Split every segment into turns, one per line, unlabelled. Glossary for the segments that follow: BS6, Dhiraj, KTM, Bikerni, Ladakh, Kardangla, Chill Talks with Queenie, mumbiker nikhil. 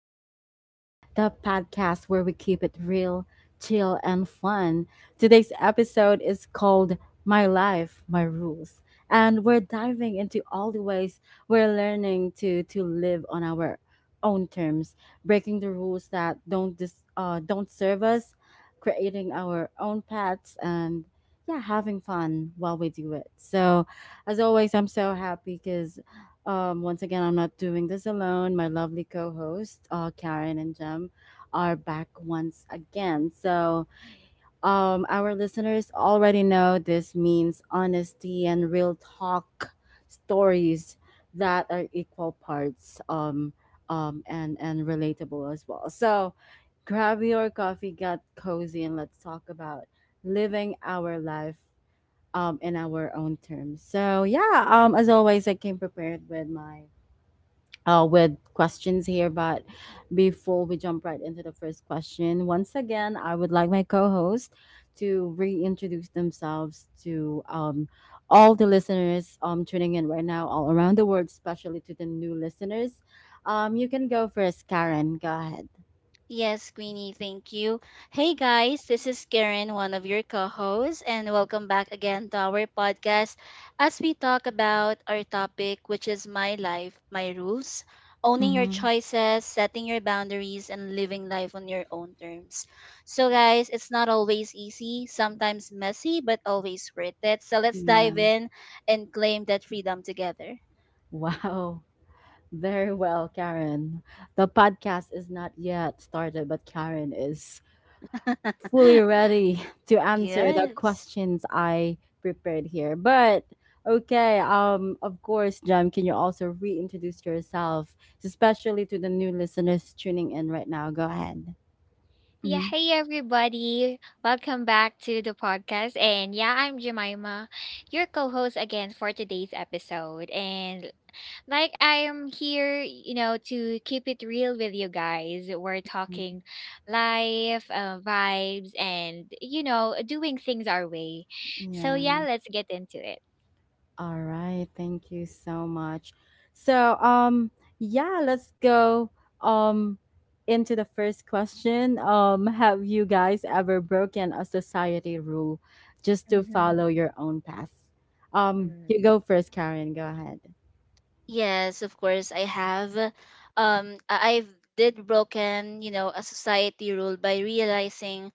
with Queenie, the podcast where we keep it real, chill, and fun. Today's episode is called My Life, My Rules, and we're diving into all the ways we're learning to live on our own terms, breaking the rules that don't serve us, creating our own paths, and yeah, having fun while we do it. So, as always, I'm so happy because once again, I'm not doing this alone. My lovely co host, Karen and Jem, are back once again. So, our listeners already know this means honesty and real talk stories that are equal parts and relatable as well. So, grab your coffee, get cozy, and let's talk about living our life in our own terms. So, yeah, as always, I came prepared with my with questions here. But before we jump right into the first question, once again, I would like my co host to reintroduce themselves to all the listeners tuning in right now, all around the world, especially to the new listeners. You can go first, Karen. Go ahead.
Yes, Queenie, thank you. Hey guys, this is Karen, one of your co hosts, and welcome back again to our podcast as we talk about our topic, which is my life, my rules, owning your
Mm-hmm.
choices, setting your boundaries, and living life on your own terms. So, guys, it's not always easy, sometimes messy, but always worth it. So, let's
Yeah.
dive in and claim that freedom together.
Wow. Very well, Karen. The podcast is not yet started, but Karen is fully ready to answer the
Yes.
questions I prepared here. But okay, of course, Jem, can you also reintroduce yourself, especially to the new listeners tuning in right now? Go ahead. Mhm. Yeah. All right, thank you so much. So, yeah, let's go um into the first question. Have you guys ever broken a society rule just to follow your own path? You go first, Karen. Go ahead.
Yes, of course I have. I've did broken, you know, a society rule by realizing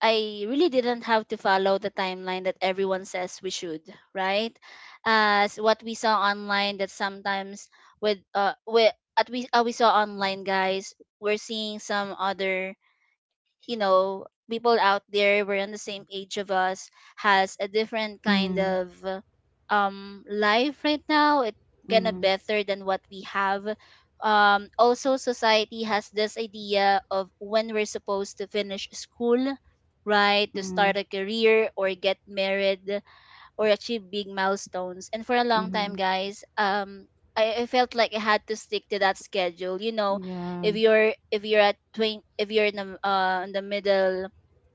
I really didn't have to follow the timeline that everyone says we should, right? As what we saw online that sometimes with at we saw online, guys, we're seeing some other, you know, people out there were in the same age of us has a different kind
Mm,
of life right now. It kind of
mm,
better than what we have. Also, society has this idea of when we're supposed to finish school, right? To start
mm,
a career or get married or achieve big milestones. And for a long time,
mm,
guys, I felt like I had to stick to that schedule. You know,
yeah,
if you're at 20, if you're in the middle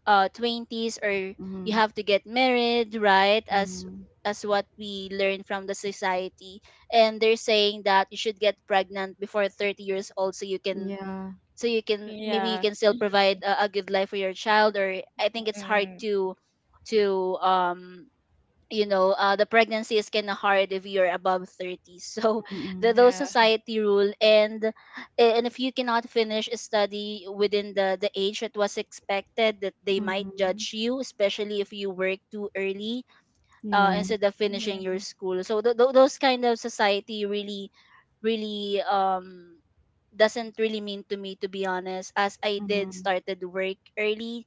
twenties, or you
mm,
have to get married, right?
mm,
As what we learn from the society, and they're saying that you should get pregnant before 30 years old,
yeah,
so you can maybe you can still provide a good life for your child. Or I think it's hard to to um you know, the pregnancy is kind of hard if you're above 30. So the,
mm,
those society rule, and if you cannot finish a study within the age that was expected, that they might
mm,
judge you, especially if you work too early,
yeah,
instead of finishing your school. So those kind of society really really doesn't really mean to me, to be honest, as I did
mm,
started work early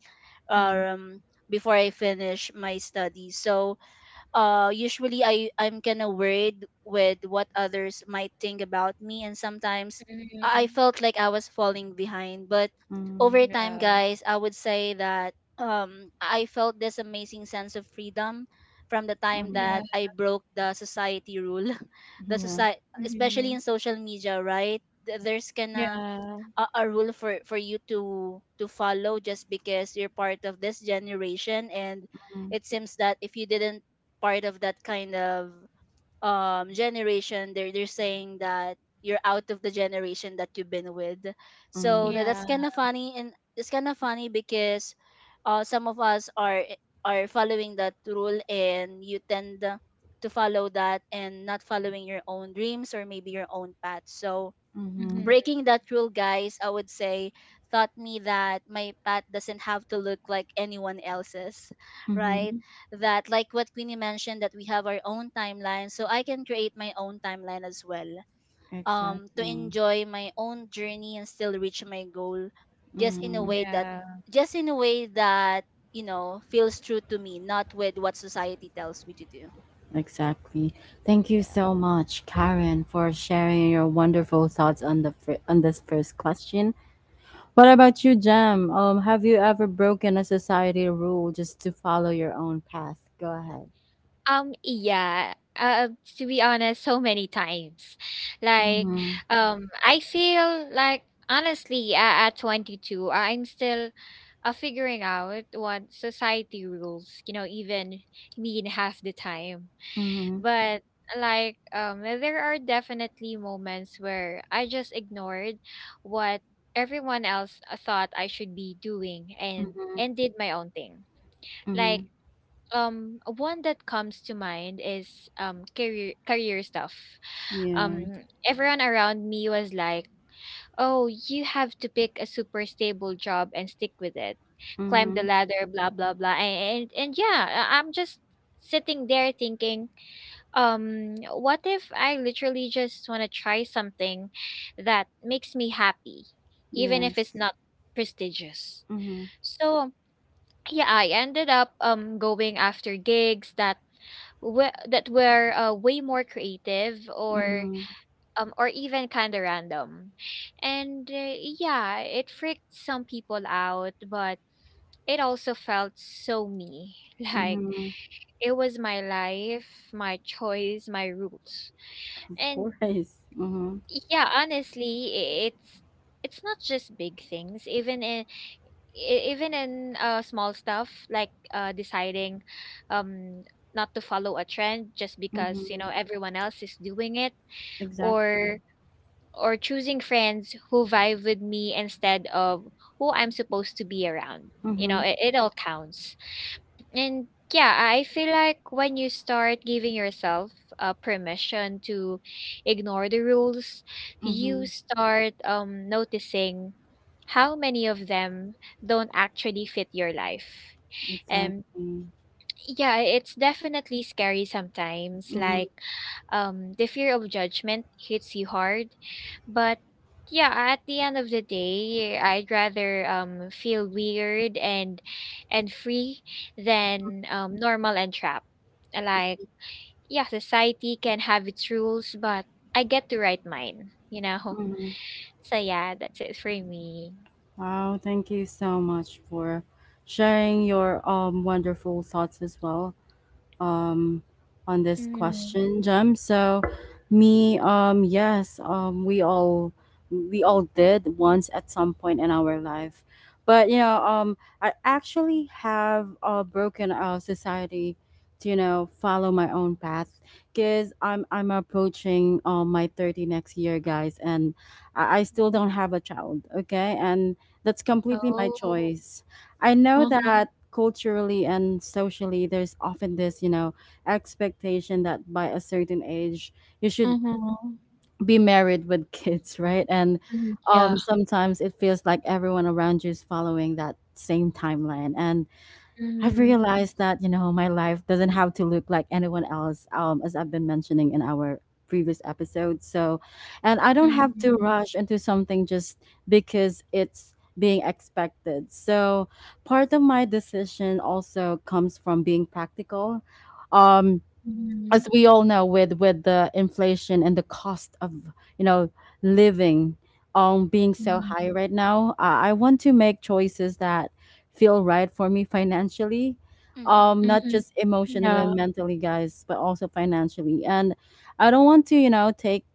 yeah,
um before I finished my studies. So usually I'm kind of worried with what others might think about me, and sometimes I felt like I was falling behind. But
mm,
over time, guys, I would say that I felt this amazing sense of freedom from the time
mm,
that I broke the society rule. The
yeah,
society, especially in social media, right? There's kinda a rule for you to follow just because you're part of this generation. And
mm,
it seems that if you didn't part of that kind of generation, they're saying that you're out of the generation that you've been with. So
mm,
that's kind of funny, and it's kind of funny because some of us are following that rule and you tend to follow that and not following your own dreams or maybe your own path. So
Mm-hmm.
breaking that rule, guys, I would say taught me that my path doesn't have to look like anyone else's, right?
Mm-hmm.
That like what Queenie mentioned, that we have our own timeline, so I can create my own timeline as well. To
Exactly.
enjoy my own journey and still reach my goal, just in a
Mm-hmm.
way that, just in a way that, you know, feels true to me, not with what society tells me to do.
Exactly. Thank you
Yeah.
so much, Karen, for sharing your wonderful thoughts on on this first question. What about you, Jam? Have you ever broken a society rule just to follow your own path? Go ahead. Mm-hmm. Mm-hmm. Mm-hmm. Mm-hmm. Yeah. Mm-hmm. Yes. Mm-hmm. Mm-hmm. Mm-hmm. Of course. Mm-hmm. Mm-hmm. Exactly. Mm-hmm. Mm-hmm. Exactly. Mhm, mhm. Wow, thank you so much for sharing your wonderful thoughts as well um on this question, Jem. So me, yes, we all did once at some point in our life. But you know, I actually have broken society to you know follow my own path because I'm approaching my 30 next year, guys, and I still don't have a child, okay, and that's completely my choice. I know that culturally and socially there's often this, you know, expectation that by a certain age you should be married with kids, right? And sometimes it feels like everyone around you is following that same timeline, and I've realized that you know my life doesn't have to look like anyone else, as I've been mentioning in our previous episode. So, and I don't have to rush into something just because it's being expected. So, part of my decision also comes from being practical. Um, as we all know with the inflation and the cost of you know living being so high right now, I want to make choices that feel right for me financially,
Mm-hmm.
not just emotionally and mentally, guys, but also financially. And I don't want to, you know, take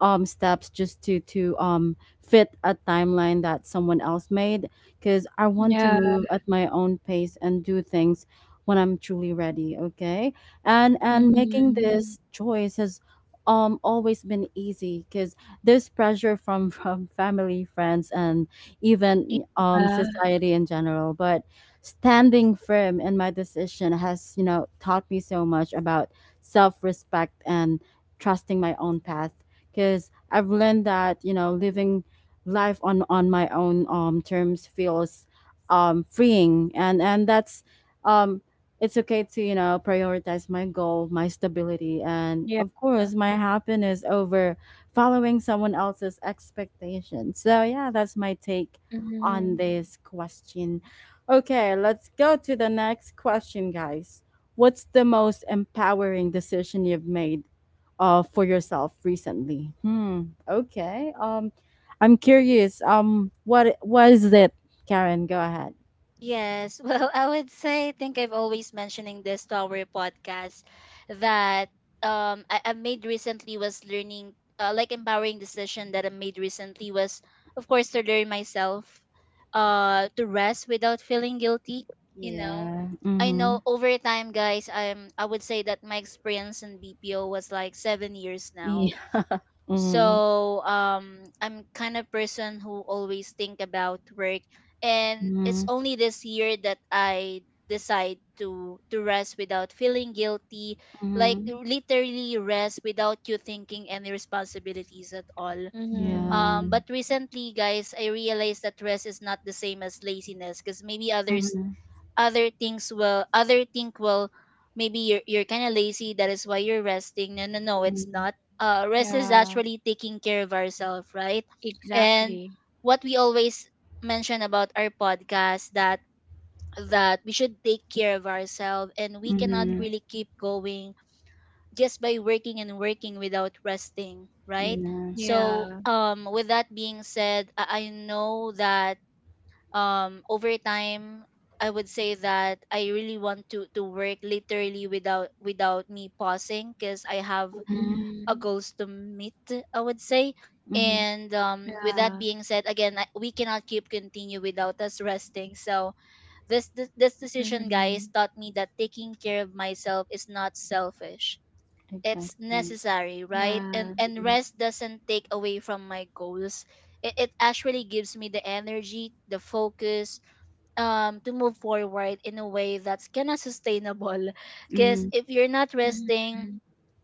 steps just to fit a timeline that someone else made, because I want to move at my own pace and do things when I'm truly ready, okay. And making this choice has always been easy because there's pressure from from family, friends, and even society in general, but standing firm in my decision has, you know, taught me so much about self-respect and trusting my own path because I've learned that you know living life on my own terms feels freeing. And that's um it's okay to, you know, prioritize my goal, my stability, and of course my happiness over following someone else's expectations. So yeah, that's my take on this question. Okay, let's go to the next question, guys. What's the most empowering decision you've made for yourself recently? Hmm. Okay, I'm curious, what is it, Karen? Go ahead.
Yes. Well, I would say I think I've always mentioning this to our podcast that I made recently was learning, like, empowering decision that I made recently was, of course, to learn myself, to rest without feeling guilty, you know.
Yeah,
I
mm-hmm.
know over time, guys, I would say that my experience in BPO was like 7 years now.
Mhm.
So I'm kind of person who always think about work, and it's
Mhm.
only this year that I decide to rest without feeling guilty, like
Mhm.
literally rest without you thinking any responsibilities at all.
Yeah.
But recently, guys, I realized that rest is not the same as laziness, because maybe others
Mhm.
other things will other think will. Maybe you're kind of lazy that is why you're resting. No, no, no, it's
Mhm.
not. Rest is actually taking care of ourselves, right? And what we always mention about our podcast that we should take care of ourselves, and we cannot
Mhm.
really keep going just by working and working without resting, right?
Yeah.
So with that being said, I know that over time, I would say that I really want to work literally without me pausing because I have
Mhm.
a goals to meet, I would say.
Mhm.
And with that being said again, we cannot keep continue without us resting. So this decision, guys, taught me that taking care of myself is not selfish, it's
Exactly.
necessary, right? And
Mhm.
rest doesn't take away from my goals. It actually gives me the energy, the focus, to move forward in a way that's kind of sustainable. Because
Mhm.
if you're not resting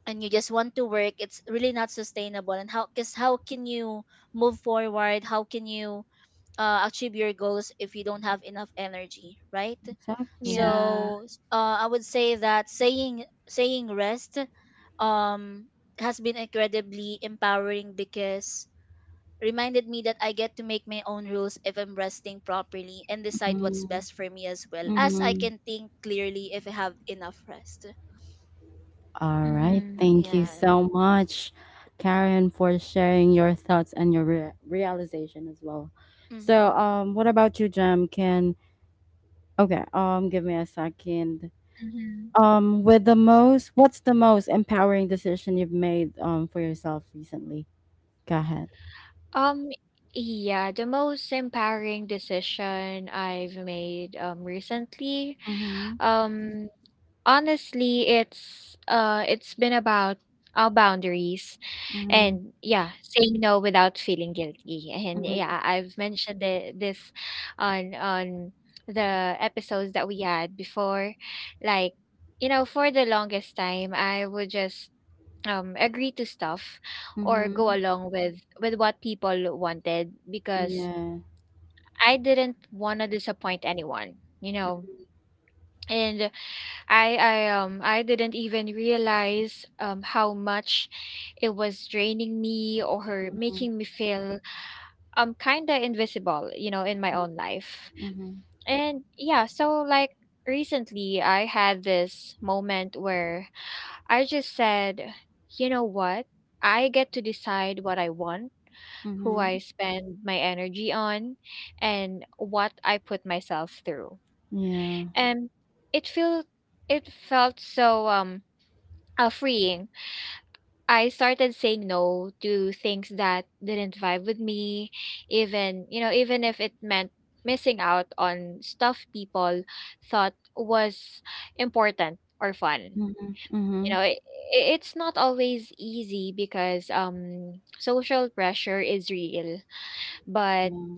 and you just want to work, it's really not sustainable. And how, because how can you move forward, how can you achieve your goals if you don't have enough energy, right?
Exactly.
So I would say that saying rest um has been incredibly empowering because reminded me that I get to make my own rules if I'm resting properly and decide what's
Mhm.
best for me, as well as I
Mhm.
can think clearly if I have enough rest.
All right. Thank you
Yeah.
so much, Karen, for sharing your thoughts and your realization as well. So,
Mm-hmm.
what about you, Jem? Can okay. Give me a second. What's the most empowering decision you've made for yourself recently? Go ahead. Mhm. Mhm. Mhm. Mhm. Yeah. Mhm. Mhm. Mhm. Mhm. Mhm. Yeah. Mhm. Mhm. Yeah.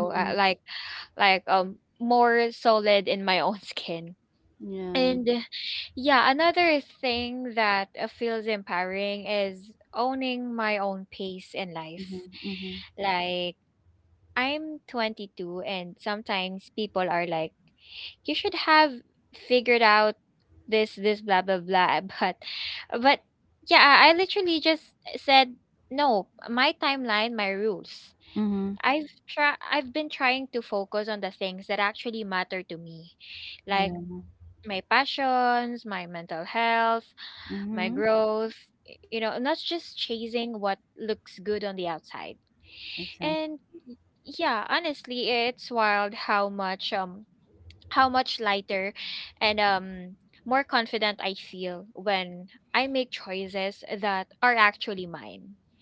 Mhm. Yeah. Mhm. Mhm. Mhm. Yeah. Mhm. Exactly.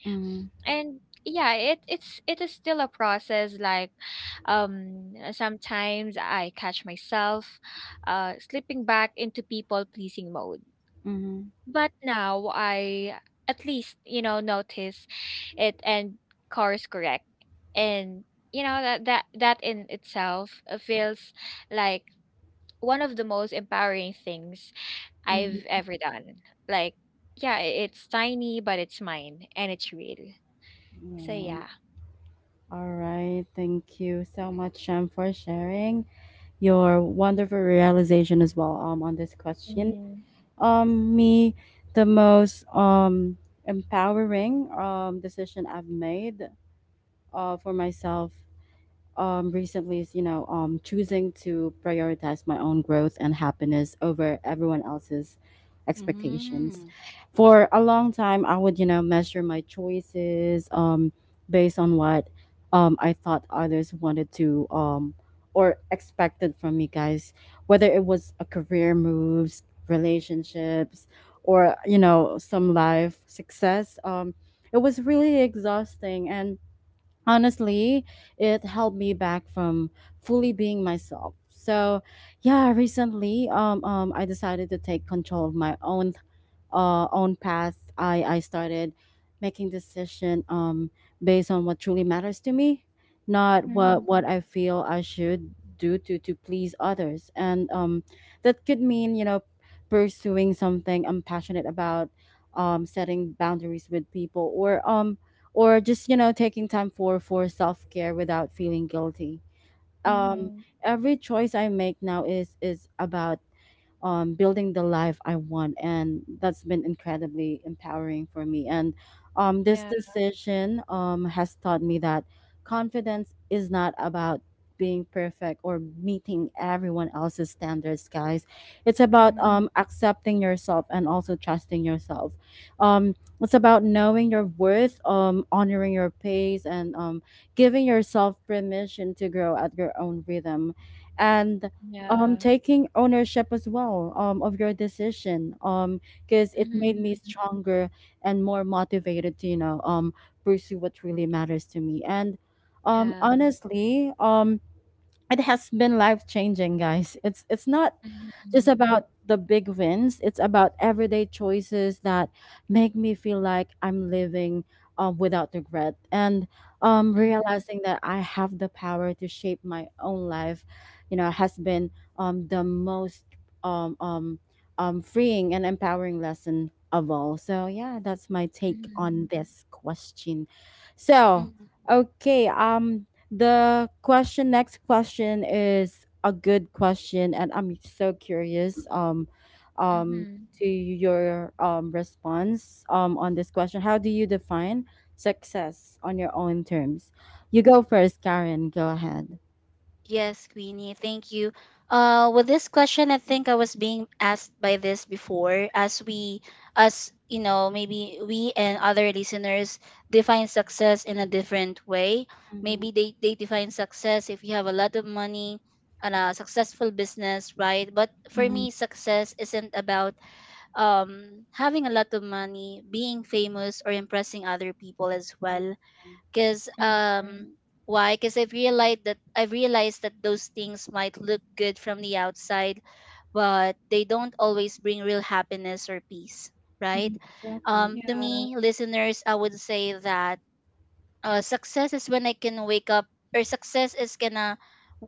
Mhm. Mhm. Mhm. Yeah. All right. Thank you so much, for sharing your wonderful realization as well, on this question. Me, the most empowering decision I've made for myself recently is, you know, choosing to prioritize my own growth and happiness over everyone else's expectations. For a long time, I would, you know, measure my choices based on what I thought others wanted to or expected from me, guys, whether it was a career moves, relationships, or, you know, some life success. It was really exhausting and honestly, it held me back from fully being myself. So, yeah, recently, I decided to take control of my own, own path. I started making decision based on what truly matters to me, not what I feel I should do to please others. And that could mean, you know, pursuing something I'm passionate about, setting boundaries with people, or just, you know, taking time for self-care without feeling guilty. um every choice I make now is about building the life I want, and that's been incredibly empowering for me. And this decision has taught me that confidence is not about being perfect or meeting everyone else's standards, guys. It's about accepting yourself and also trusting yourself. It's about knowing your worth, honoring your pace, and giving yourself permission to grow at your own rhythm. And taking ownership as well of your decision because it made me stronger and more motivated to, you know, pursue what really matters to me. And honestly, it has been life changing, guys. It's not just about the big wins. It's about everyday choices that make me feel like I'm living without regret. And realizing that I have the power to shape my own life, you know, has been the most um, um, freeing and empowering lesson of all. So, yeah, that's my take on this question. So,
Mm-hmm.
okay, next question is a good question, and I'm so curious um, to your response on this question. How do you define success on your own terms? You go first, Karen. Go ahead.
Yes, Queenie, thank you. With this question, I think I was being asked by this before, as we, as you know, maybe we and other listeners define success in a different way.
Mm-hmm.
Maybe they define success if you have a lot of money and a successful business, right? But for me,
Mm-hmm.
success isn't about having a lot of money, being famous, or impressing other people as
Yeah.
well. Cause why? Because I've realized that those things might look good from the outside, but they don't always bring real happiness or peace, right?
Mm-hmm. Exactly.
To me, listeners, I would say that, success is when I can wake up, or success is gonna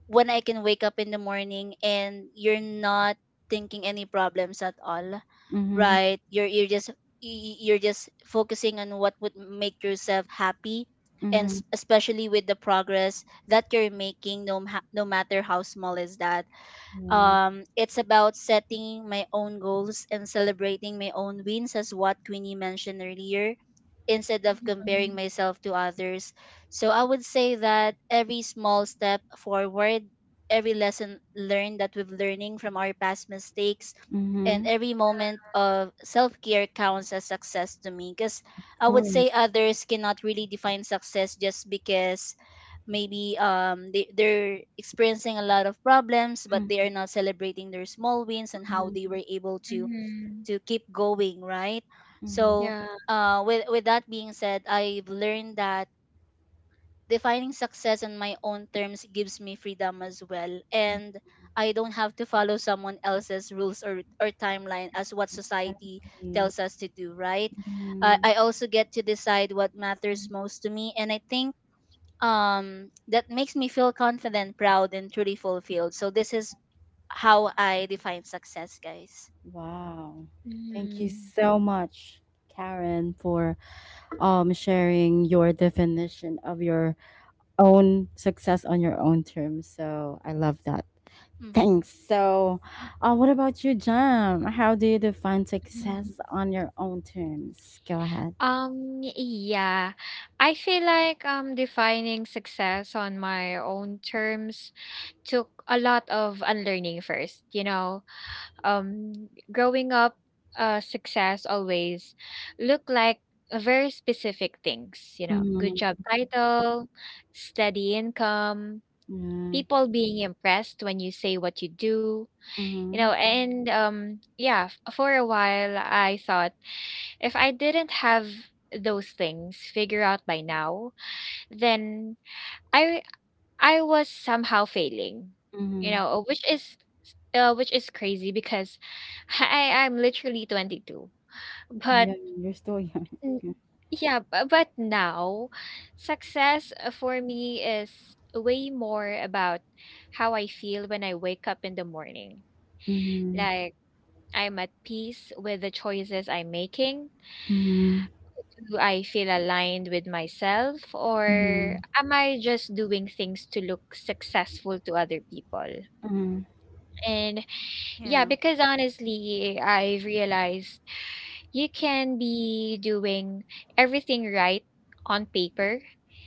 when I can wake up in the morning and you're not thinking any problems at all,
Mm-hmm.
right? You're just focusing on what would make yourself happy, and
Mm-hmm.
especially with the progress that you're making, no matter how small is that.
Yeah.
It's about setting my own goals and celebrating my own wins, as what Queenie mentioned earlier, instead of comparing myself to others. So I would say that every small step forward, every lesson learned that we've learning from our past mistakes, and
Mm-hmm.
every moment of self-care counts as success to me. Because
Of
I would say
course.
others cannot really define success just because maybe they're experiencing a lot of problems but they are not celebrating their small wins and how they
Mm-hmm.
were able to keep going, right?
Mm-hmm.
So with that being said, I've learned that defining success on my own terms gives me freedom as well. And I don't have to follow someone else's rules or timeline as what society
Exactly.
tells us to do, right? I also get to decide what matters most to me. And I think that makes me feel confident, proud, and truly fulfilled. So this is how I define success, guys.
Wow. Thank you so much, Karen, for sharing your definition of your own success on your own terms. So I love that.
Hmm.
Thanks. So, what about you, Jam? How do you define success on your own terms? Go ahead. Mm-hmm. Yeah. Mm-hmm. Mm-hmm. Yeah, you're still young. Yeah. Mm-hmm. Mm-hmm. Mm-hmm. Mm-hmm.
Yeah.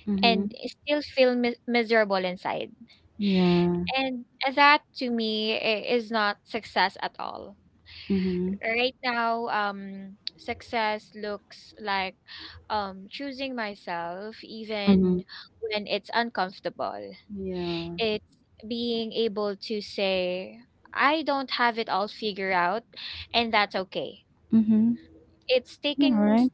Mm-hmm. Yeah. Mm-hmm. Mm-hmm. Yeah. Mhm. Yeah, right?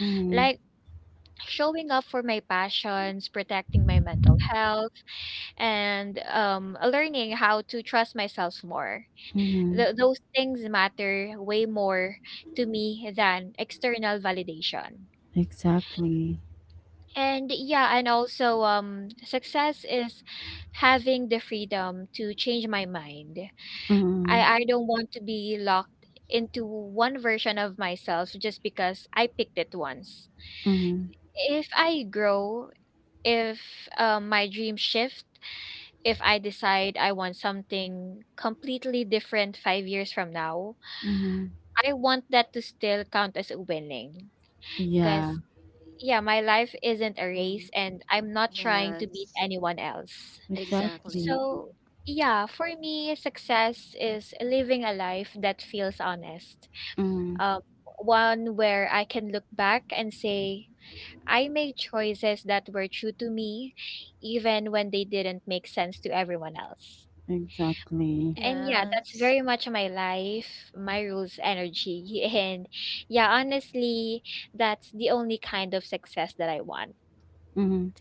Mhm. Mhm. Exactly. Mhm. Mhm. Mhm. Yeah,
Mm. Yes. Exactly.
exactly. Mhm. Exactly.
Yes.
Mhm.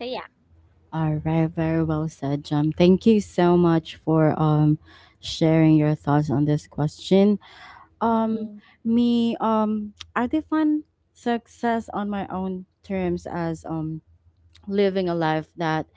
All right, very well said, Jam. Thank you so much for sharing your thoughts on this question. Um Me, I define success on my own terms as living a life that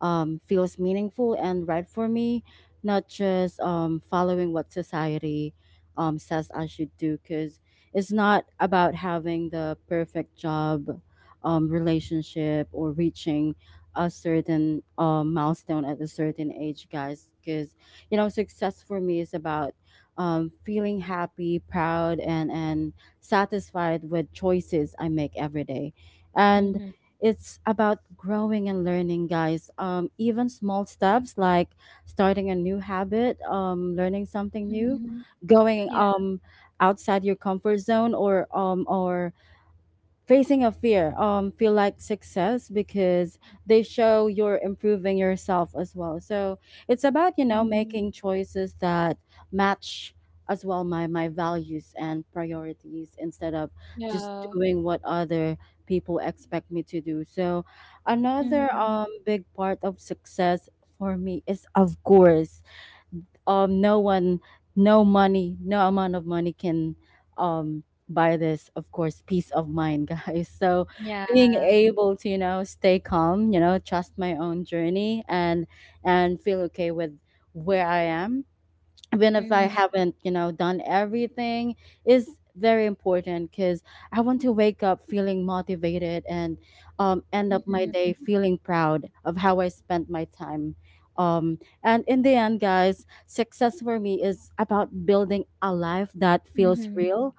feels meaningful and right for me, not just following what society says I should do. Because it's not about having the perfect job, relationship, or reaching a certain milestone at a certain age, guys. Because you know, success for me is about feeling happy, proud, and satisfied with choices I make every day. And it's about growing and learning, guys. Even small steps like starting a new habit, learning something new, going outside your comfort zone, or facing a fear feel like success because they show you're improving yourself as well, so it's about, you know, making choices that match as well my values and priorities instead of just doing what other people expect me to do. So another big part of success for me is, of course, um no one no money, no amount of money can um buy this, of course, peace of mind, guys. So being able to, you know, stay calm, you know, trust my own journey and feel okay with where I am, even if I haven't, you know, done everything, is very important because I want to wake up feeling motivated and end up my day feeling proud of how I spent my time. And in the end, guys, success for me is about building a life that feels real.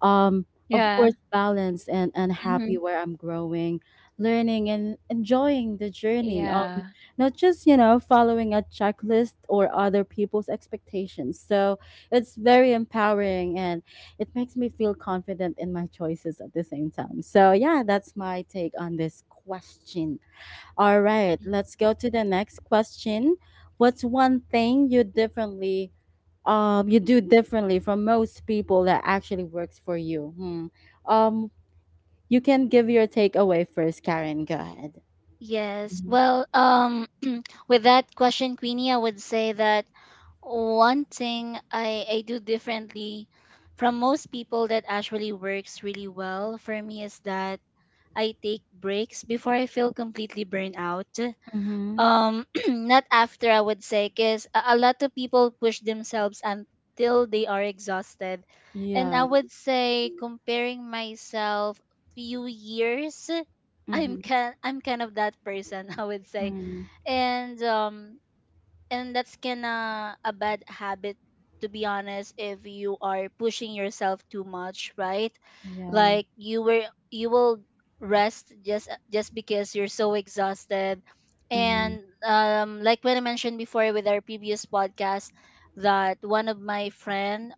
Um, of course, balanced and, happy, where I'm growing, learning, and enjoying the journey. Not just, you know, following a checklist or other people's expectations. So it's very empowering, and it makes me feel confident in my choices at the same time. So yeah, that's my take on this question. All right, let's go to the next question. What's one thing you differently You do differently from most people that actually works for you? Hmm. um you can give your takeaway first. Karen, go ahead.
Yes. Well, with that question, Queenie, I would say that one thing I do differently from most people that actually works really well for me is that I take breaks before I feel completely burned out,
Mm-hmm.
not after, I would say. Because a lot of people push themselves until they are exhausted, and I
Yeah.
would say comparing myself few years
Mm-hmm.
I'm kind of that person. I would say.
Mm,
And and that's kinda a bad habit, to be honest, if you are pushing yourself too much, right?
yeah.
Like you will rest just because you're so exhausted.
Mm,
And like when I mentioned before with our previous podcast, that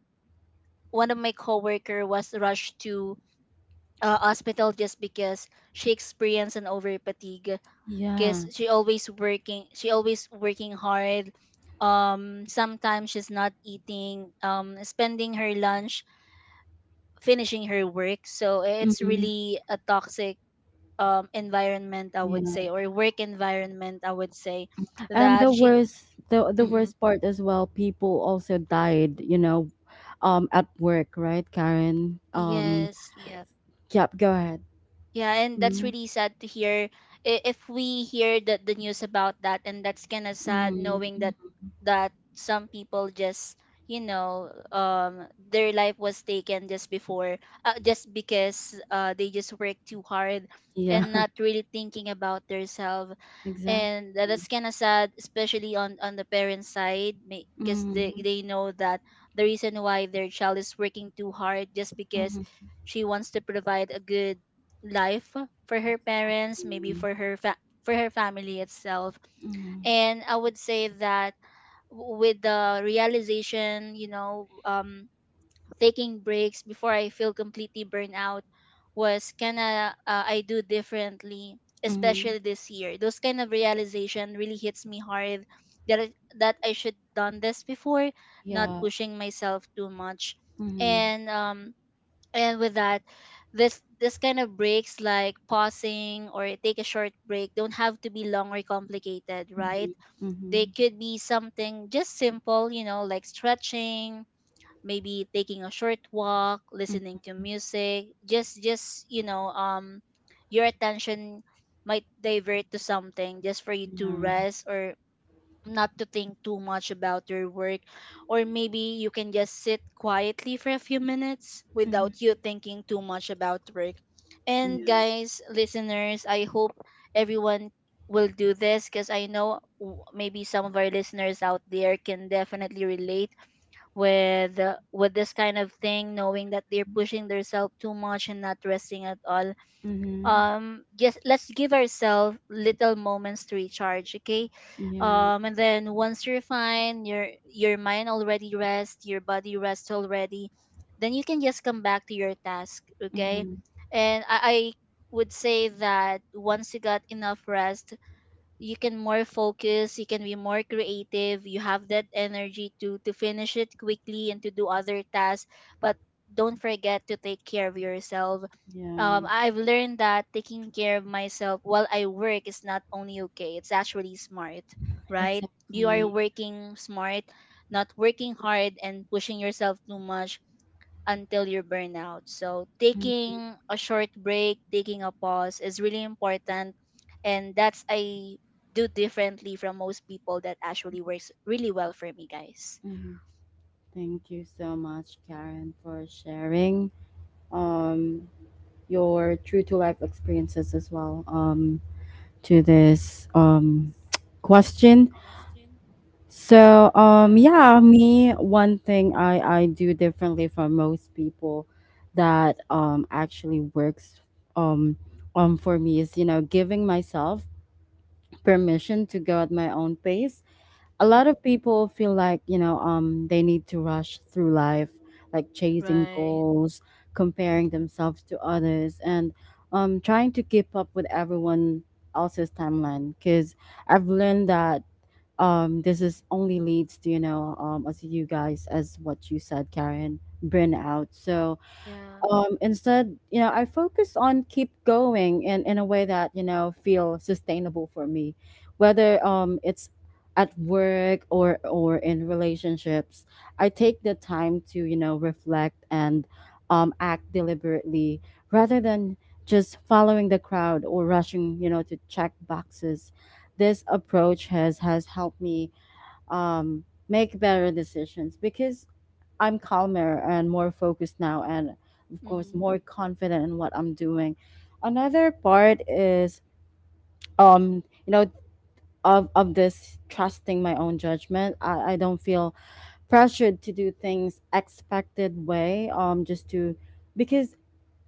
one of my coworker was rushed to a hospital just because she experienced an over, because
yeah.
she always working hard, sometimes she's not eating, spending her lunch finishing her work. So it's
Mm,
really a toxic environment, I would
yeah.
say, or work environment, I would say,
And
that
the
she—
worst the the
Mhm.
worst part as well, people also died, you know, at work, right, Karen?
Yes, yes.
Yep, go ahead.
Yeah, and that's
Mm,
really sad to hear. If we hear the news about that, and that's kind of sad
mm,
knowing that
mm,
that some people just their life was taken just before just because they just work too hard
yeah,
and not really thinking about themselves
exactly.
and that's kind of sad, especially on the parents side, because they,
Mm-hmm,
they know that the reason why their child is working too hard just because
mm-hmm,
she wants to provide a good life for her parents, maybe for her for her family itself.
mm-hmm,
And I would say that with the realization, taking breaks before I feel completely burned out was kind of I do differently,
mm-hmm,
especially this year. Those kind of realization really hits me hard that that I should done this before, not
yeah.
pushing myself too much.
Mm-hmm,
And um, and with that, this kind of breaks, like pausing or take a short break, don't have to be long or complicated, right?
mm-hmm,
They
mm-hmm,
could be something just simple, like stretching, maybe taking a short walk, listening to music. Just you know Your attention might divert to something just for you to
yeah.
rest, or not to think too much about your work, or maybe you can just sit quietly for a few minutes without
Mm-hmm,
you thinking too much about work. And
yes.
guys, listeners, I hope everyone will do this, because I know maybe some of our listeners out there can definitely relate with this kind of thing, knowing that they're pushing themselves too much and not resting at all.
Mm-hmm,
Just let's give ourselves little moments to recharge, okay?
yeah.
And then once you're fine, your mind already rest, your body rest already, then you can just come back to your task, okay?
Mm-hmm,
And I would say that once you got enough rest, you can more focus, you can be more creative, you have that energy to finish it quickly and to do other tasks. But don't forget to take care of yourself.
yeah.
I've learned that taking care of myself while I work is not only okay, it's actually smart. Right, you are
Exactly.
working smart, not working hard and pushing yourself too much until you burn out. So
Mm,
taking a short break, taking a pause is really important, and that's I do differently from most people that actually works really well for me, guys.
mhm. Thank you so much, Karen, for sharing um your true to life experiences as well to this question. So yeah, me, one thing I do differently from most people that actually works um for me is, you know, giving myself permission to go at my own pace. A lot
Mhm.
of people feel like, you know, they need to rush through life, like chasing
Right.
goals, comparing
Mhm.
themselves to others, and trying to keep up with everyone else's timeline. Because I've learned that this is only leads to, you know, as you guys as what you said, Karen, burnout. So
Yeah.
instead, you know, I focus on keep going in, a way that, you know, feel sustainable for me, whether it's at work or, in relationships. I take the time to, you know, reflect and act deliberately rather than just following the crowd or rushing, you know, to check boxes. This approach has helped me make better decisions because I'm calmer and more focused now, and of course,
Mm-hmm.
more confident in what I'm doing. Another
Yeah.
part is, you know, of this trusting my own judgment. I don't feel pressured to do things expected way, just to because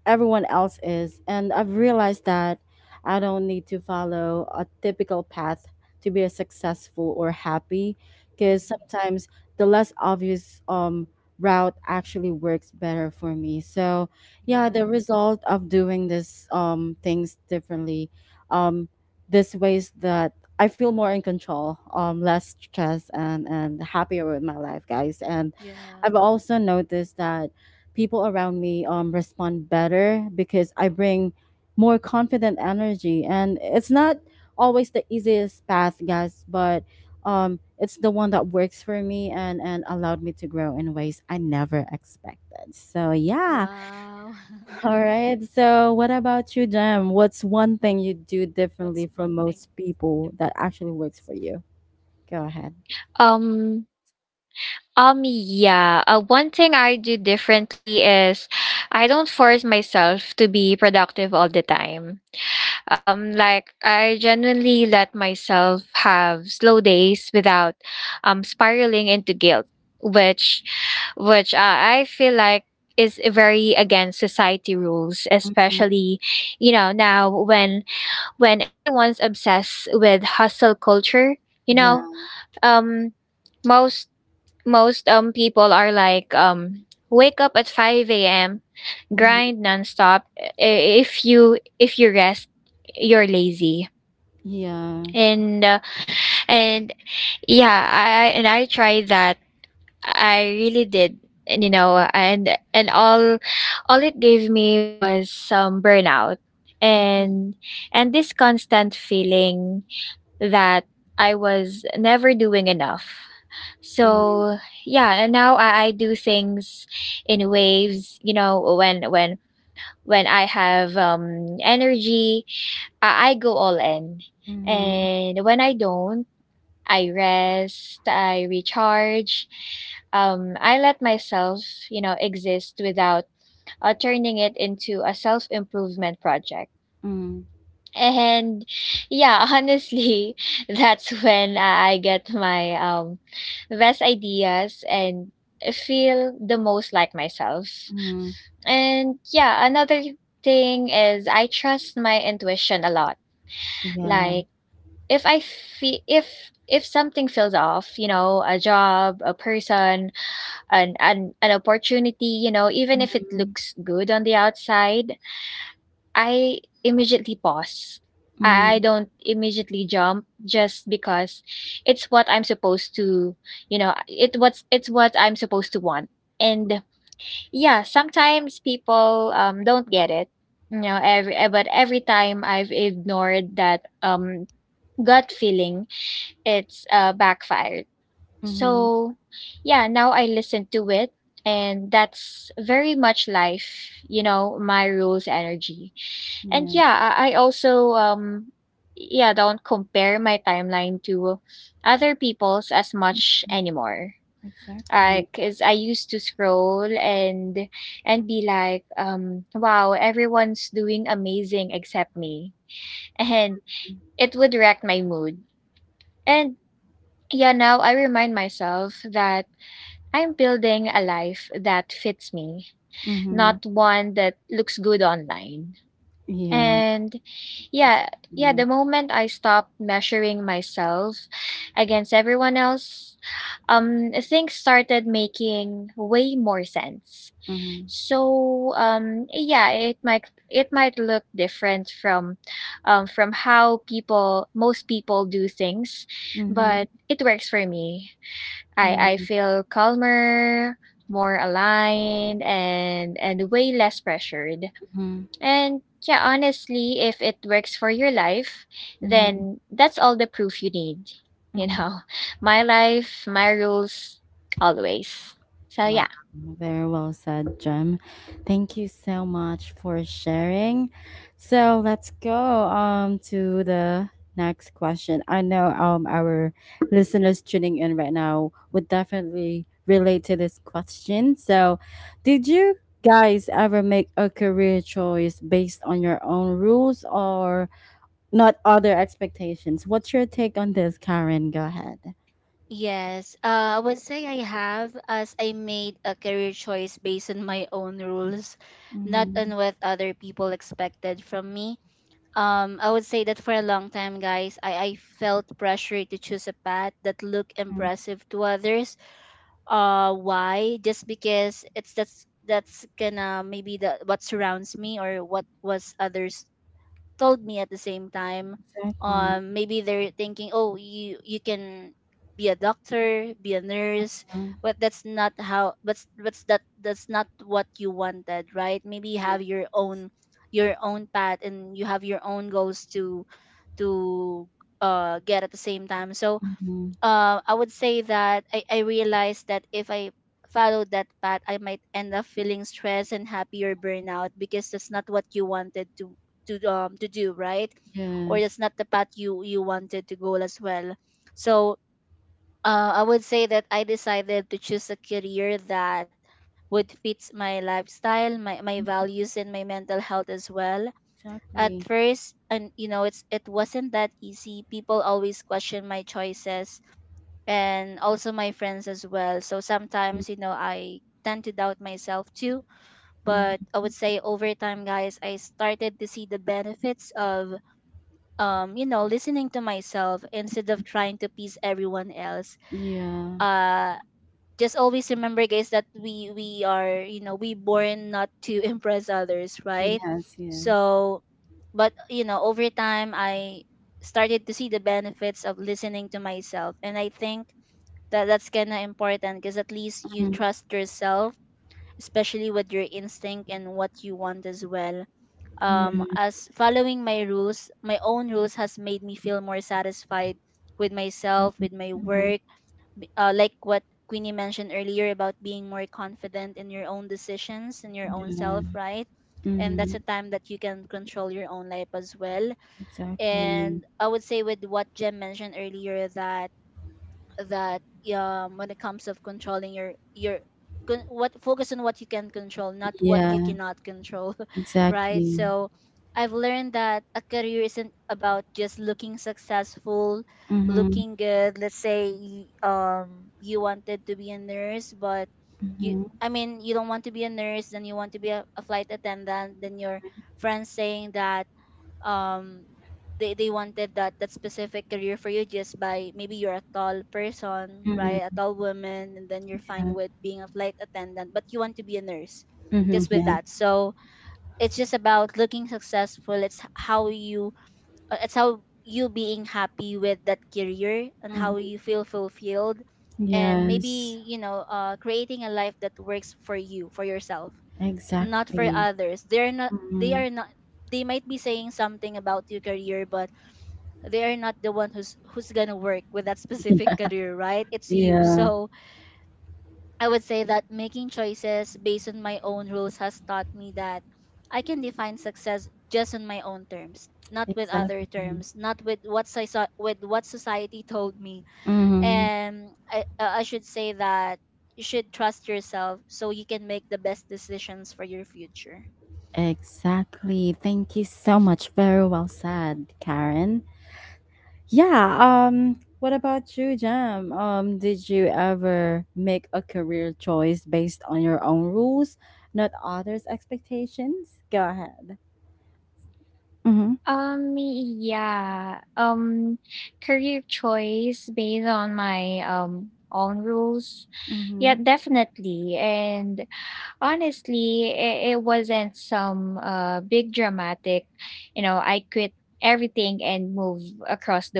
everyone else is. And I've realized that I don't need to follow a typical path to be a successful or happy, because
Mm-hmm.
sometimes the less obvious route actually works better for me. So, yeah, the
Yeah.
result of doing this things differently um this ways that I feel more in control, less stressed, and happier with my life, guys. And
Yeah.
I've also noticed that people around me respond better because I bring more confident energy. And it's not always the easiest path, guys, but it's the one that works for me and, allowed me to grow in ways I never expected. So, yeah.
Wow.
All right. So, what about you, Jem? What's one thing you do differently from most people that actually works for you? Go ahead. Mm, yeah. Mhm. Yeah. Mm-hmm. Mm-hmm. Mm-hmm. Yeah. Mhm. Mm. Mhm. Yeah. Exactly. Mhm. Yeah. Exactly. Mhm. Mhm. Yeah. Mhm. Mhm. Mhm. Wow, very well said, Jem. Thank you so much for sharing. So let's go to the next question. I know our listeners tuning in right now would definitely relate to this question. So, did you guys ever make a career choice based on your own rules or not other expectations? What's your take on this, Karen? Go ahead.
Yes, I would say I have, as I made a career choice based on my own rules, not
Mm-hmm.
on what other people expected from me. I would say that for a long time, guys, I felt pressure to choose a path that looked impressive to others. Why? Just because it's that's gonna maybe the what surrounds me or what was others told me at the same time.
Exactly.
Maybe they're thinking, oh, you can be a doctor, be a nurse,
Mhm.
but that's not how, but that that's not what you wanted, right? Maybe you have your
Yes.
own path, and you have your own goals to to get at the same time. So
Mhm.
I would say that I realized that if I followed that path, I might end up feeling stressed and happy or burnout, because that's not what you wanted to to do, right? Or that's
Yes,
not the path you wanted to go as well. So I would say that I decided to choose a career that would fit my lifestyle, my values and my mental health as well. At
exactly.
first, and you know, it's it wasn't that easy. People always question my choices, and also my friends as well. So
Mm,
sometimes, you know, I tend to doubt myself too. But I
mhm,
would say over time, guys, I started to see the benefits of, you know, listening to myself instead of
mhm.
trying to please everyone else.
Yeah.
Uh, just always remember, guys, that we are, you know, we born not to impress others, right?
Yes, yes.
So, but you know, over time, I started to see the benefits of listening to myself, and I think that that's kind of important, because at least you
Mhm.
trust yourself, especially with your instinct and what you want as well.
Yeah.
As following my rules, my own rules has made me feel more satisfied with myself, with
Mhm,
my
mhm.
work, like what Queenie mentioned earlier, about being more confident in your own decisions and your own
Yeah.
self, right? And that's a
Mhm.
time that you can control your own life as well.
Exactly.
And I would say with what Jem mentioned earlier that that when it comes of controlling your what focus on what you can control, not what you
Yeah,
cannot control, right?
exactly.
So I've learned that a career isn't about just looking successful,
Mhm,
looking good. Let's say you wanted to be a nurse, but you
mhm,
I mean, you don't want to be a nurse, then you want to be a flight attendant, then your friends saying that um they wanted that that specific career for you, just by maybe you're a tall person, right? A
mhm.
tall woman, and then you're fine
Yeah.
with being a flight attendant, but you want to be a nurse,
Mhm,
just with
yeah.
that. So it's just about looking successful. It's how you it's how you being happy with that career and how you
Mhm.
feel fulfilled, and
Yes,
maybe you know creating a life that works for you, for yourself, not for
exactly.
others. They're not, they
Mhm.
are not they might be saying something about your career, but they are not the one who's gonna work with that specific career, right? It's you.
Yeah. Yeah,
So I would say that making choices based on my own rules has taught me that I can define success just on my own terms, not with other
exactly.
terms, not with what I saw, with what society told me.
Mhm.
And I should say that you should trust yourself so you can make the best decisions for your future.
Exactly. Thank you so much. Very well said, Karen. Yeah. What about you, Jam? Did you ever make a career choice based on your own rules, not others' expectations? Go ahead. Mm-hmm. Mm-hmm.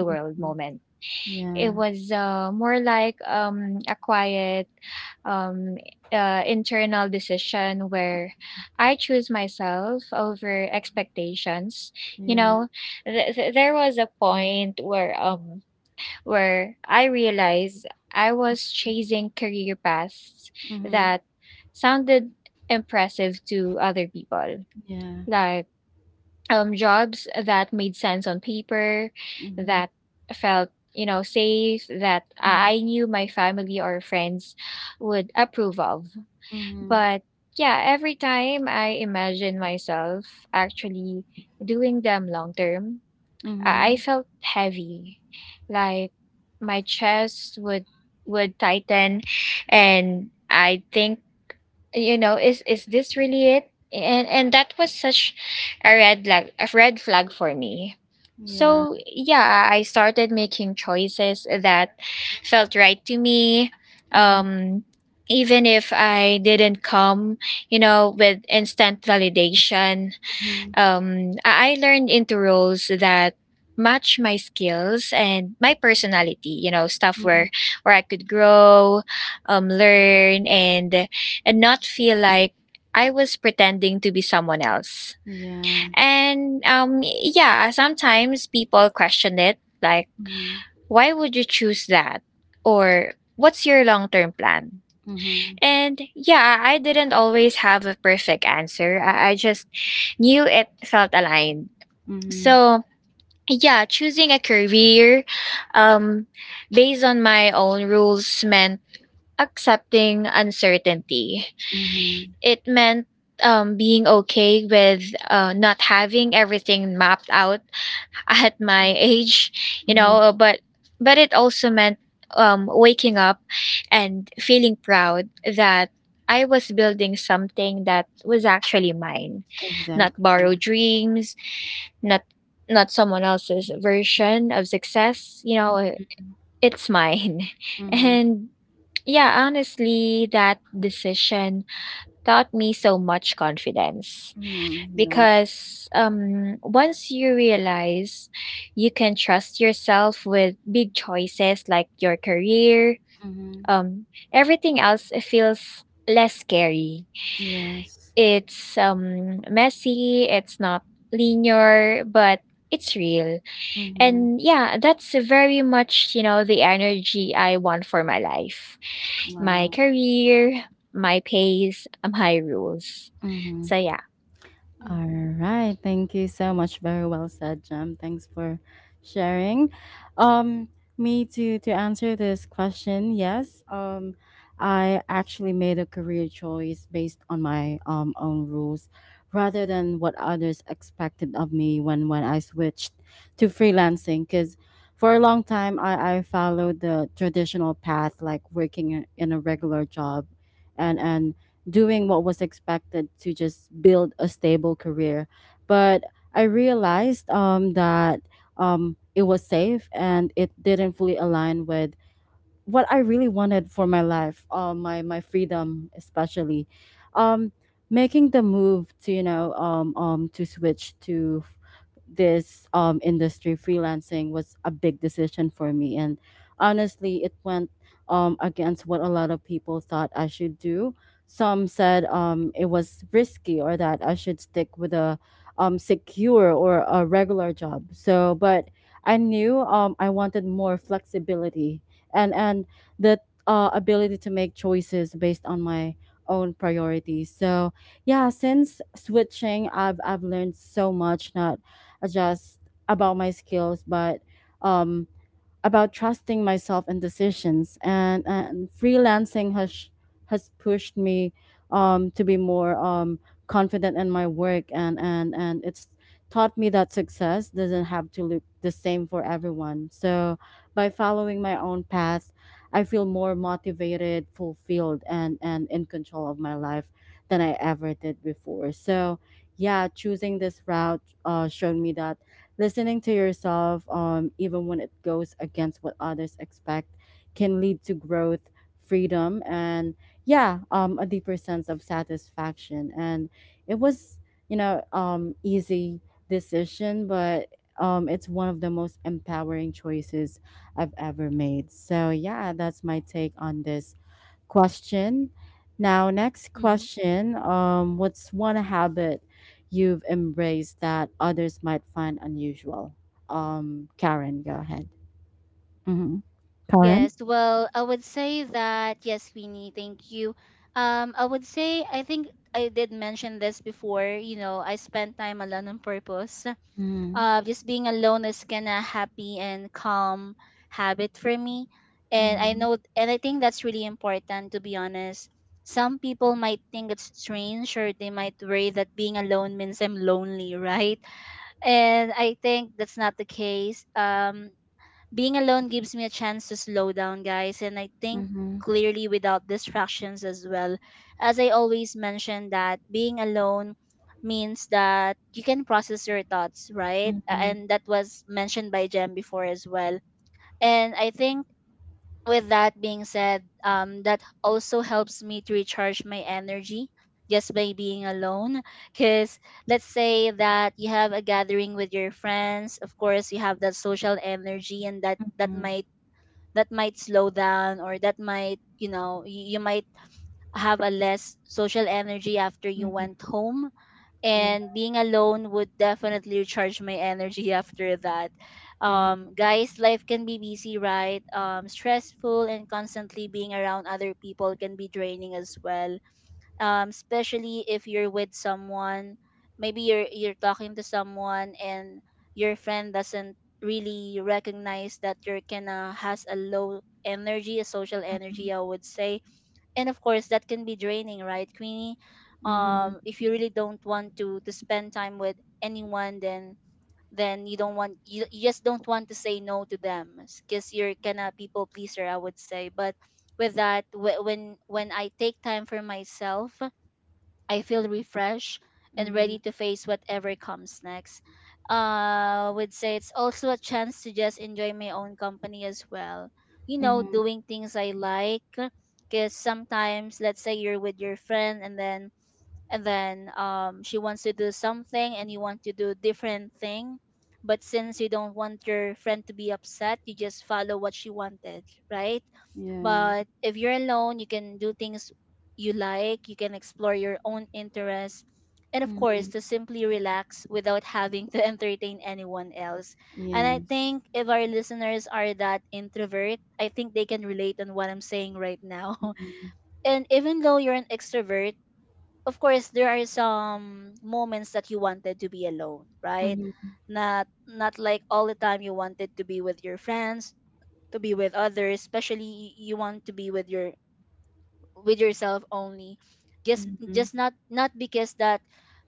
Mm-hmm. Yeah. Yeah. Mm-hmm. Yeah. Mm-hmm. Mm-hmm. Mm-hmm. Yeah. Mm-hmm. Mm-hmm. Mm-hmm. Yeah. Mm-hmm. Mm-hmm. Mm-hmm. Mm-hmm.
Mm,
Mm-hmm. Exactly. Mm-hmm. Mm-hmm. Yeah. Mm-hmm. Yes. Mm-hmm. Wow. Mm-hmm.
mm.
All right. Thank you so much. Very well said, Jem. Thanks for sharing. Um, Me, to answer this question, yes. I actually made a career choice based on my own rules, rather than what others expected of me when I switched to freelancing. Because for a long time, I followed the traditional path, like working in a regular job, and doing what was expected to just build a stable career. But I realized that it was safe and it didn't fully align with what I really wanted for my life, my freedom especially, um, making the move to, you know, to switch to this industry freelancing was a big decision for me, and honestly, it went against what a lot of people thought I should do. Some said it was risky or that I should stick with a secure or a regular job. So, but I knew I wanted more flexibility and that ability to make choices based on my own priorities. So yeah, since switching, I've learned so much, not just about my skills, but um about trusting myself and decisions, and, freelancing has pushed me to be more confident in my work, and, and it's taught me that success doesn't have to look the same for everyone. So by following my own path, I feel more motivated, fulfilled, and in control of my life than I ever did before. So yeah, choosing this route showed me that listening to yourself, even when it goes against what others expect, can lead to growth, freedom, and yeah, a deeper sense of satisfaction. And it was, you know, easy decision, but it's one of the most empowering choices I've ever made. So yeah, that's my take on this question. Now, next
Mm-hmm.
question. What's one habit you've embraced that others might find unusual? Karen, go ahead. Mm-hmm. Karen?
Yes, well, I would say that yes, Winnie, thank you. I would say I think I did mention this before. You know, I spend time alone on purpose.
Mm-hmm.
Just being alone is kind of happy and calm habit for me, and I
Mm-hmm.
know, and I think that's really important, to be honest. Some people might think it's strange, or they might worry that being alone means I'm lonely, right? And I think that's not the case. Being alone gives me a chance to slow down, guys, and I think
Mm-hmm.
clearly without distractions as well. As I always mention that being alone means that you can process your thoughts, right?
Mm-hmm.
And that was mentioned by Jem before as well. And I think with that being said, that also helps me to recharge my energy just by being alone. Because let's say that you have a gathering with your friends, of course you have that social energy, and that
Mm-hmm.
might slow down, or that might, you know, you might have a less social energy after you
Mm-hmm.
went home.
Yeah.
And being alone would definitely recharge my energy after that.
Mm-hmm.
Guys, life can be busy, right? Stressful, and constantly being around other people can be draining as well. Especially if you're with someone, maybe you're talking to someone, and your friend doesn't really recognize that you're kinda has a low energy, a social
Mm-hmm.
energy I would say. And of course that can be draining, right Queenie?
Mm-hmm.
If you really don't want to spend time with anyone, then you don't want, you just don't want to say no to them, because you're kinda people pleaser I would say. But with that, when I take time for myself, I feel refreshed and
Mm-hmm.
ready to face whatever comes next. Would say it's also a chance to just enjoy my own company as well, you know,
Mm-hmm.
doing things I like. Because sometimes, let's say you're with your friend, and then she wants to do something and you want to do different thing, but since you don't want your friend to be upset, you just follow what she wanted, right?
Yeah.
But if you're alone, you can do things you like, you can explore your own interests, and of course,
Mm-hmm.
to simply relax without having to entertain anyone else. And I
Yes.
think if our listeners are that introvert, I think they can relate on what I'm saying right now.
Mm-hmm.
And even though you're an extrovert, of course there are some moments that you wanted to be alone, right?
Mm-hmm.
Not not like all the time you wanted to be with your friends, to be with others, especially you want to be with your with yourself only.
Mm-hmm.
Just not, not because that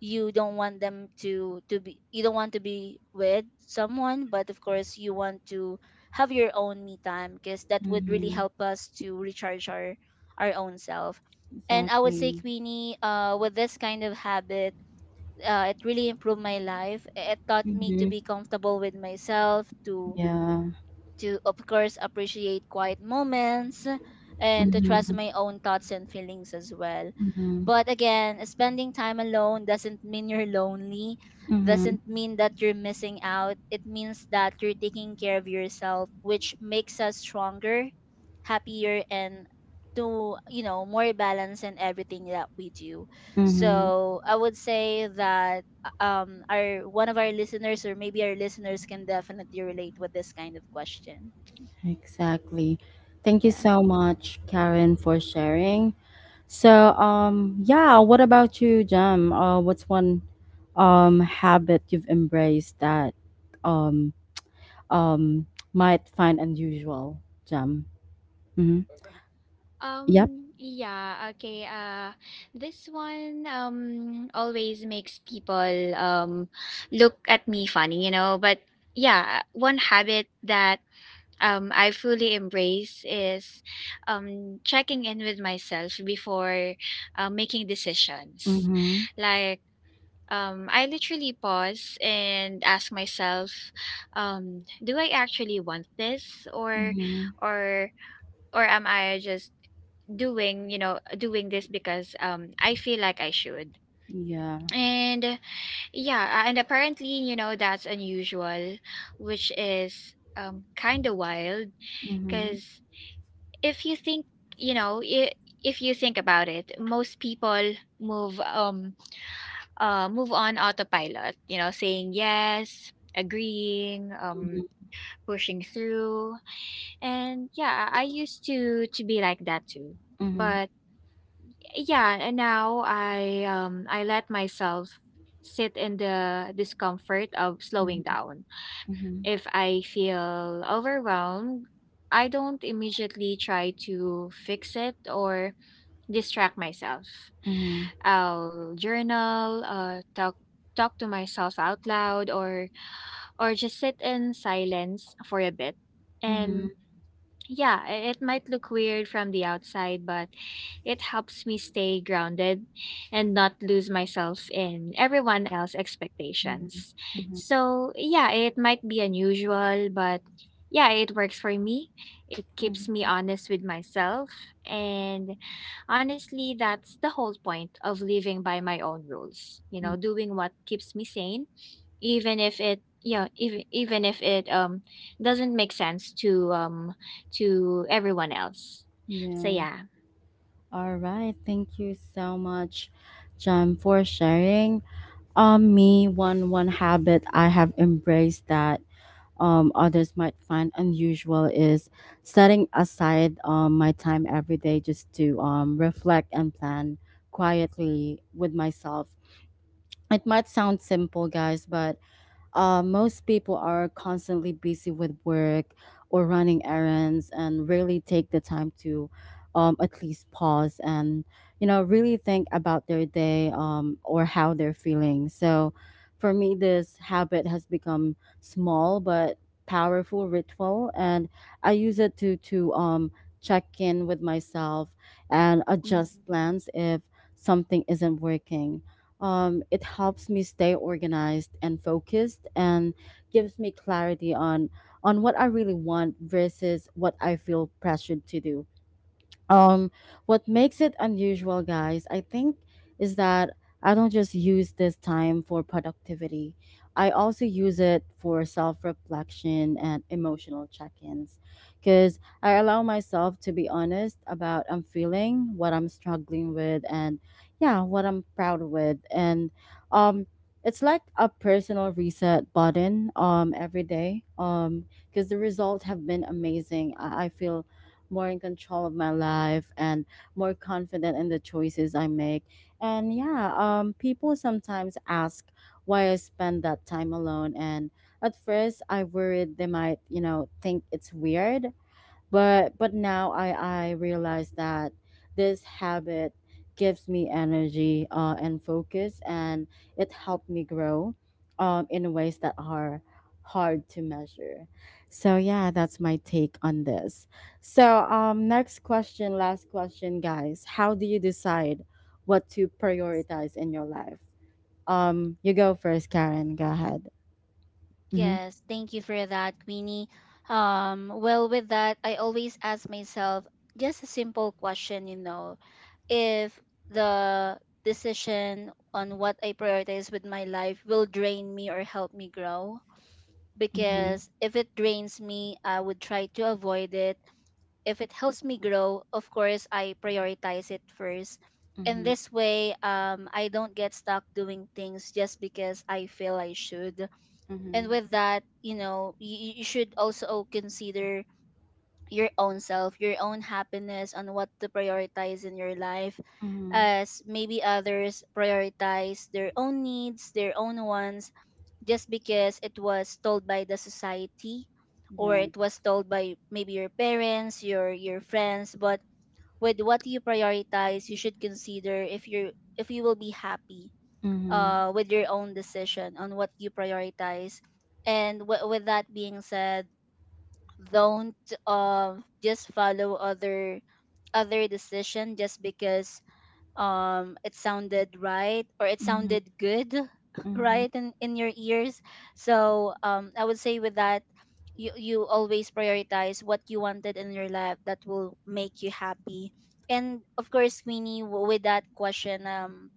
you don't want them to be you don't want to be with someone, but of course you want to have your own me time, because that would really
Mm-hmm.
help us to recharge our own self. And I would say
Exactly.
Queenie, with this kind of habit, it really improved my life, it taught me to
Mm-hmm.
be comfortable with myself, to
Yeah.
of course, appreciate quiet moments, and to trust
Mm-hmm.
my own thoughts and feelings as well.
Mm-hmm.
But again, spending time alone doesn't mean you're lonely,
Mm-hmm.
doesn't mean that you're missing out. It means that you're taking care of yourself, which makes us stronger, happier, and to, you know, more balanced in everything that we do.
Mm-hmm.
So I would say that our one of our listeners, or maybe our listeners, can definitely relate with this kind of question.
Exactly. Thank you
Yeah.
so much, Karen, for sharing. So, yeah, what about you, Jam? What's one habit you've embraced that um um might find unusual, Jam? Mm-hmm. Yep.
Um, yeah, okay. Uh, this one always makes people um look at me funny, you know, but yeah, one habit that I fully embrace is checking in with myself before making decisions.
Mm-hmm.
Like I literally pause and ask myself do I actually want this
Mm-hmm.
or or am I just doing this because I feel like I should.
Yeah.
And uh, yeah, and apparently, you know, that's unusual, which is kind of wild
Mm-hmm.
because if you think, you know, I if you think about it, most people move um move on autopilot, you know, saying yes, agreeing,
Mm-hmm.
pushing through. And yeah, I used to be like that too.
Mm-hmm.
But yeah and now I let myself sit in the discomfort of slowing down
Mm-hmm.
if I feel overwhelmed. I don't immediately try to fix it or distract myself.
Mm-hmm.
I'll journal, talk to myself out loud, or just sit in silence for a bit.
Mm-hmm.
And yeah, it might look weird from the outside, but it helps me stay grounded and not lose myself in everyone else's
Mm-hmm.
expectations.
Mm-hmm.
So, yeah, it might be unusual, but yeah, it works for me. It keeps me honest with myself. And honestly, that's the whole point of living by my own rules, you know,
Mm-hmm.
doing what keeps me sane even if it even if it doesn't make sense to everyone else. So
Yeah.
yeah.
All right, thank you so much, Jem, for sharing. Me, one habit I have embraced that others might find unusual is setting aside my time every day just to reflect and plan quietly with myself. It might sound simple, guys, but most people are constantly busy with work or running errands and rarely take the time to at least pause and, you know, really think about their day or how they're feeling. So for me, this habit has become small but powerful ritual, and I use it to check in with myself and
Mhm.
adjust plans if something isn't working. It helps me stay organized and focused and gives me clarity on what I really want versus what I feel pressured to do. um what makes it unusual, guys, I think is that I don't just use this time for productivity. I also use it for self-reflection and emotional check-ins, because I allow myself to be honest about I'm feeling, what I'm struggling with, and yeah, what I'm proud with, and um it's like a personal reset button every day. Because the results have been amazing, I feel more in control of my life and more confident in the choices I make. And yeah, people sometimes ask why I spend that time alone. And at first, I worried they might, you know, think it's weird, but now I realize that this habit gives me energy and focus, and it helped me grow in ways that are hard to measure. So yeah, that's my take on this. So next question, last question, guys. How do you decide what to prioritize in your life? You go first. Karen, go ahead. Mm-hmm.
Yes, thank you for that, Queenie. Well, with that, I always ask myself just a simple question, you know, if the decision on what I prioritize with my life will drain me or help me grow.
Mm-hmm.
Because if it drains me, I would try to avoid it. If it helps me grow, of course, I prioritize it first. And
Mm-hmm.
this way, I don't get stuck doing things just because I feel I should. And
Mm-hmm.
with that, you know, you should also consider your own self, your own happiness, on what to prioritize in your life,
Mm-hmm.
as maybe others prioritize their own needs, their own wants, just because it was told by the society, or
Yeah.
it was told by maybe your parents, your friends. But with what you prioritize, you should consider if you're if you will be happy
Mm-hmm.
with your own decision on what you prioritize. And with that being said, don't just follow other other decision just because it sounded right, or it sounded good
Mhm,
right in your ears. So I would say with that, you always prioritize what you wanted in your life that will make you happy. And of course Queenie,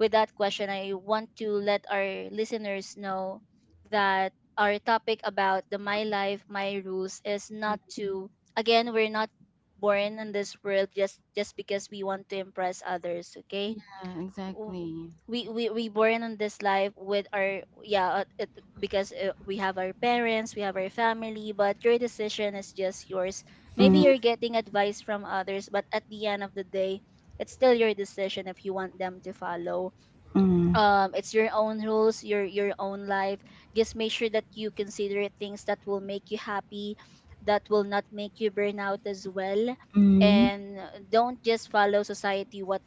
with that question, I want to let our listeners know that our topic about the my life, my rules is not
mhm.
to, again, we're not born in this world just because we want to impress others, okay?
Yeah,
W-
exactly.
We we born in this life with our yeah, it, because we have our parents, we have our family, but your decision is just yours. Maybe
Mm,
you're getting advice from others, but at the end of the day, it's still your decision if you want them to follow.
mm,
It's your own rules, your own life. Just make sure that you consider things that will make you happy, that will not make you burn out as well.
mm,
And don't just follow society what,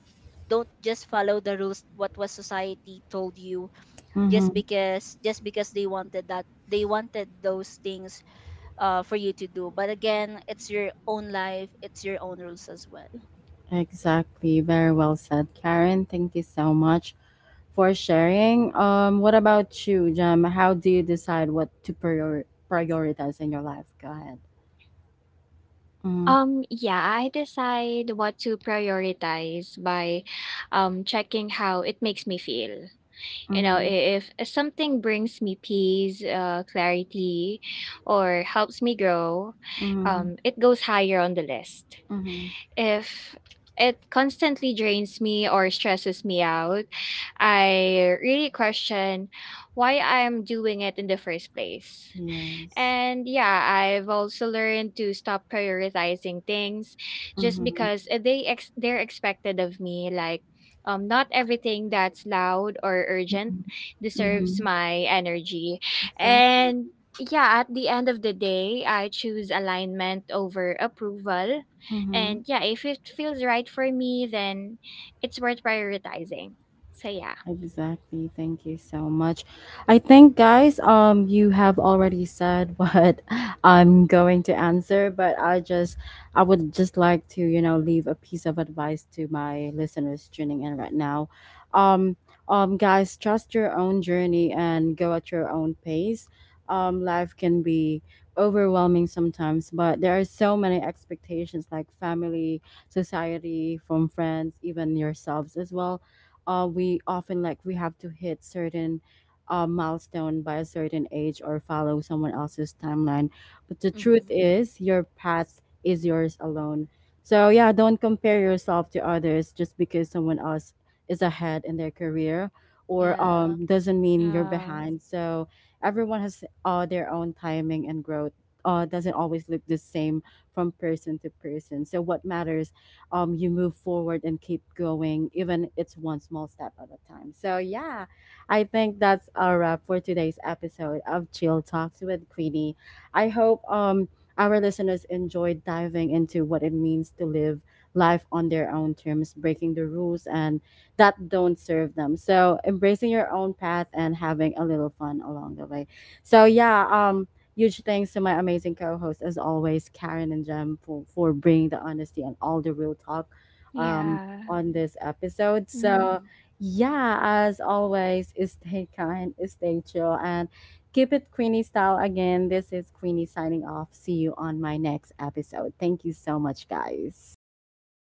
don't just follow the rules what was society told you,
mhm.
just because, just because they wanted that, they wanted those things for you to do. But again, it's your own life, it's your own rules as well.
Exactly. Very well said, Karen. Thank you so much for sharing. What about you, Jem? How do you decide what to prioritize in your life? Go ahead. Mm,
Yeah, I decide what to prioritize by checking how it makes me feel. You know,
mhm,
if something brings me peace, clarity, or helps me grow,
mhm,
it goes higher on the list.
mhm.
If it constantly drains me or stresses me out, I really question why I'm doing it in the first place.
Yes.
And yeah, I've also learned to stop prioritizing things just
Mhm,
because they're expected of me. Like not everything that's loud or urgent
mhm,
deserves
mhm.
my energy.
Exactly.
And yeah, at the end of the day, I choose alignment over approval.
Mm-hmm.
And yeah, if it feels right for me, then it's worth prioritizing. So yeah.
Exactly. Thank you so much. I think, guys, you have already said what I'm going to answer, but I would just like to, you know, leave a piece of advice to my listeners tuning in right now. Um, Guys, trust your own journey and go at your own pace. Life can be overwhelming sometimes, but there are so many expectations like family, society, from friends, even yourselves as well. Uh, we often like we have to hit certain milestone by a certain age or follow someone else's timeline. But the truth
Hmm.
is, your path is yours alone. So yeah, don't compare yourself to others. Just because someone else is ahead in their career or
Yeah.
doesn't mean you're
Yeah.
behind. So everyone has their own timing, and growth uh, doesn't always look the same from person to person. So what matters, you move forward and keep going, even it's one small step at a time. So yeah, I think that's our wrap for today's episode of Chill Talks with Queenie. I hope our listeners enjoyed diving into what it means to live life on their own terms, breaking the rules and that don't serve them. So embracing your own path and having a little fun along the way. So yeah, huge thanks to my amazing co hosts, as always, Karen and Jem, for, bringing the honesty and all the real talk um,
Yeah.
on this episode.
Hmm.
So,
Mm-hmm.
yeah, as always, stay kind, stay chill, and keep it Queenie style. Again, this is Queenie signing off. See you on my next episode. Thank you so much, guys.
Bye guys.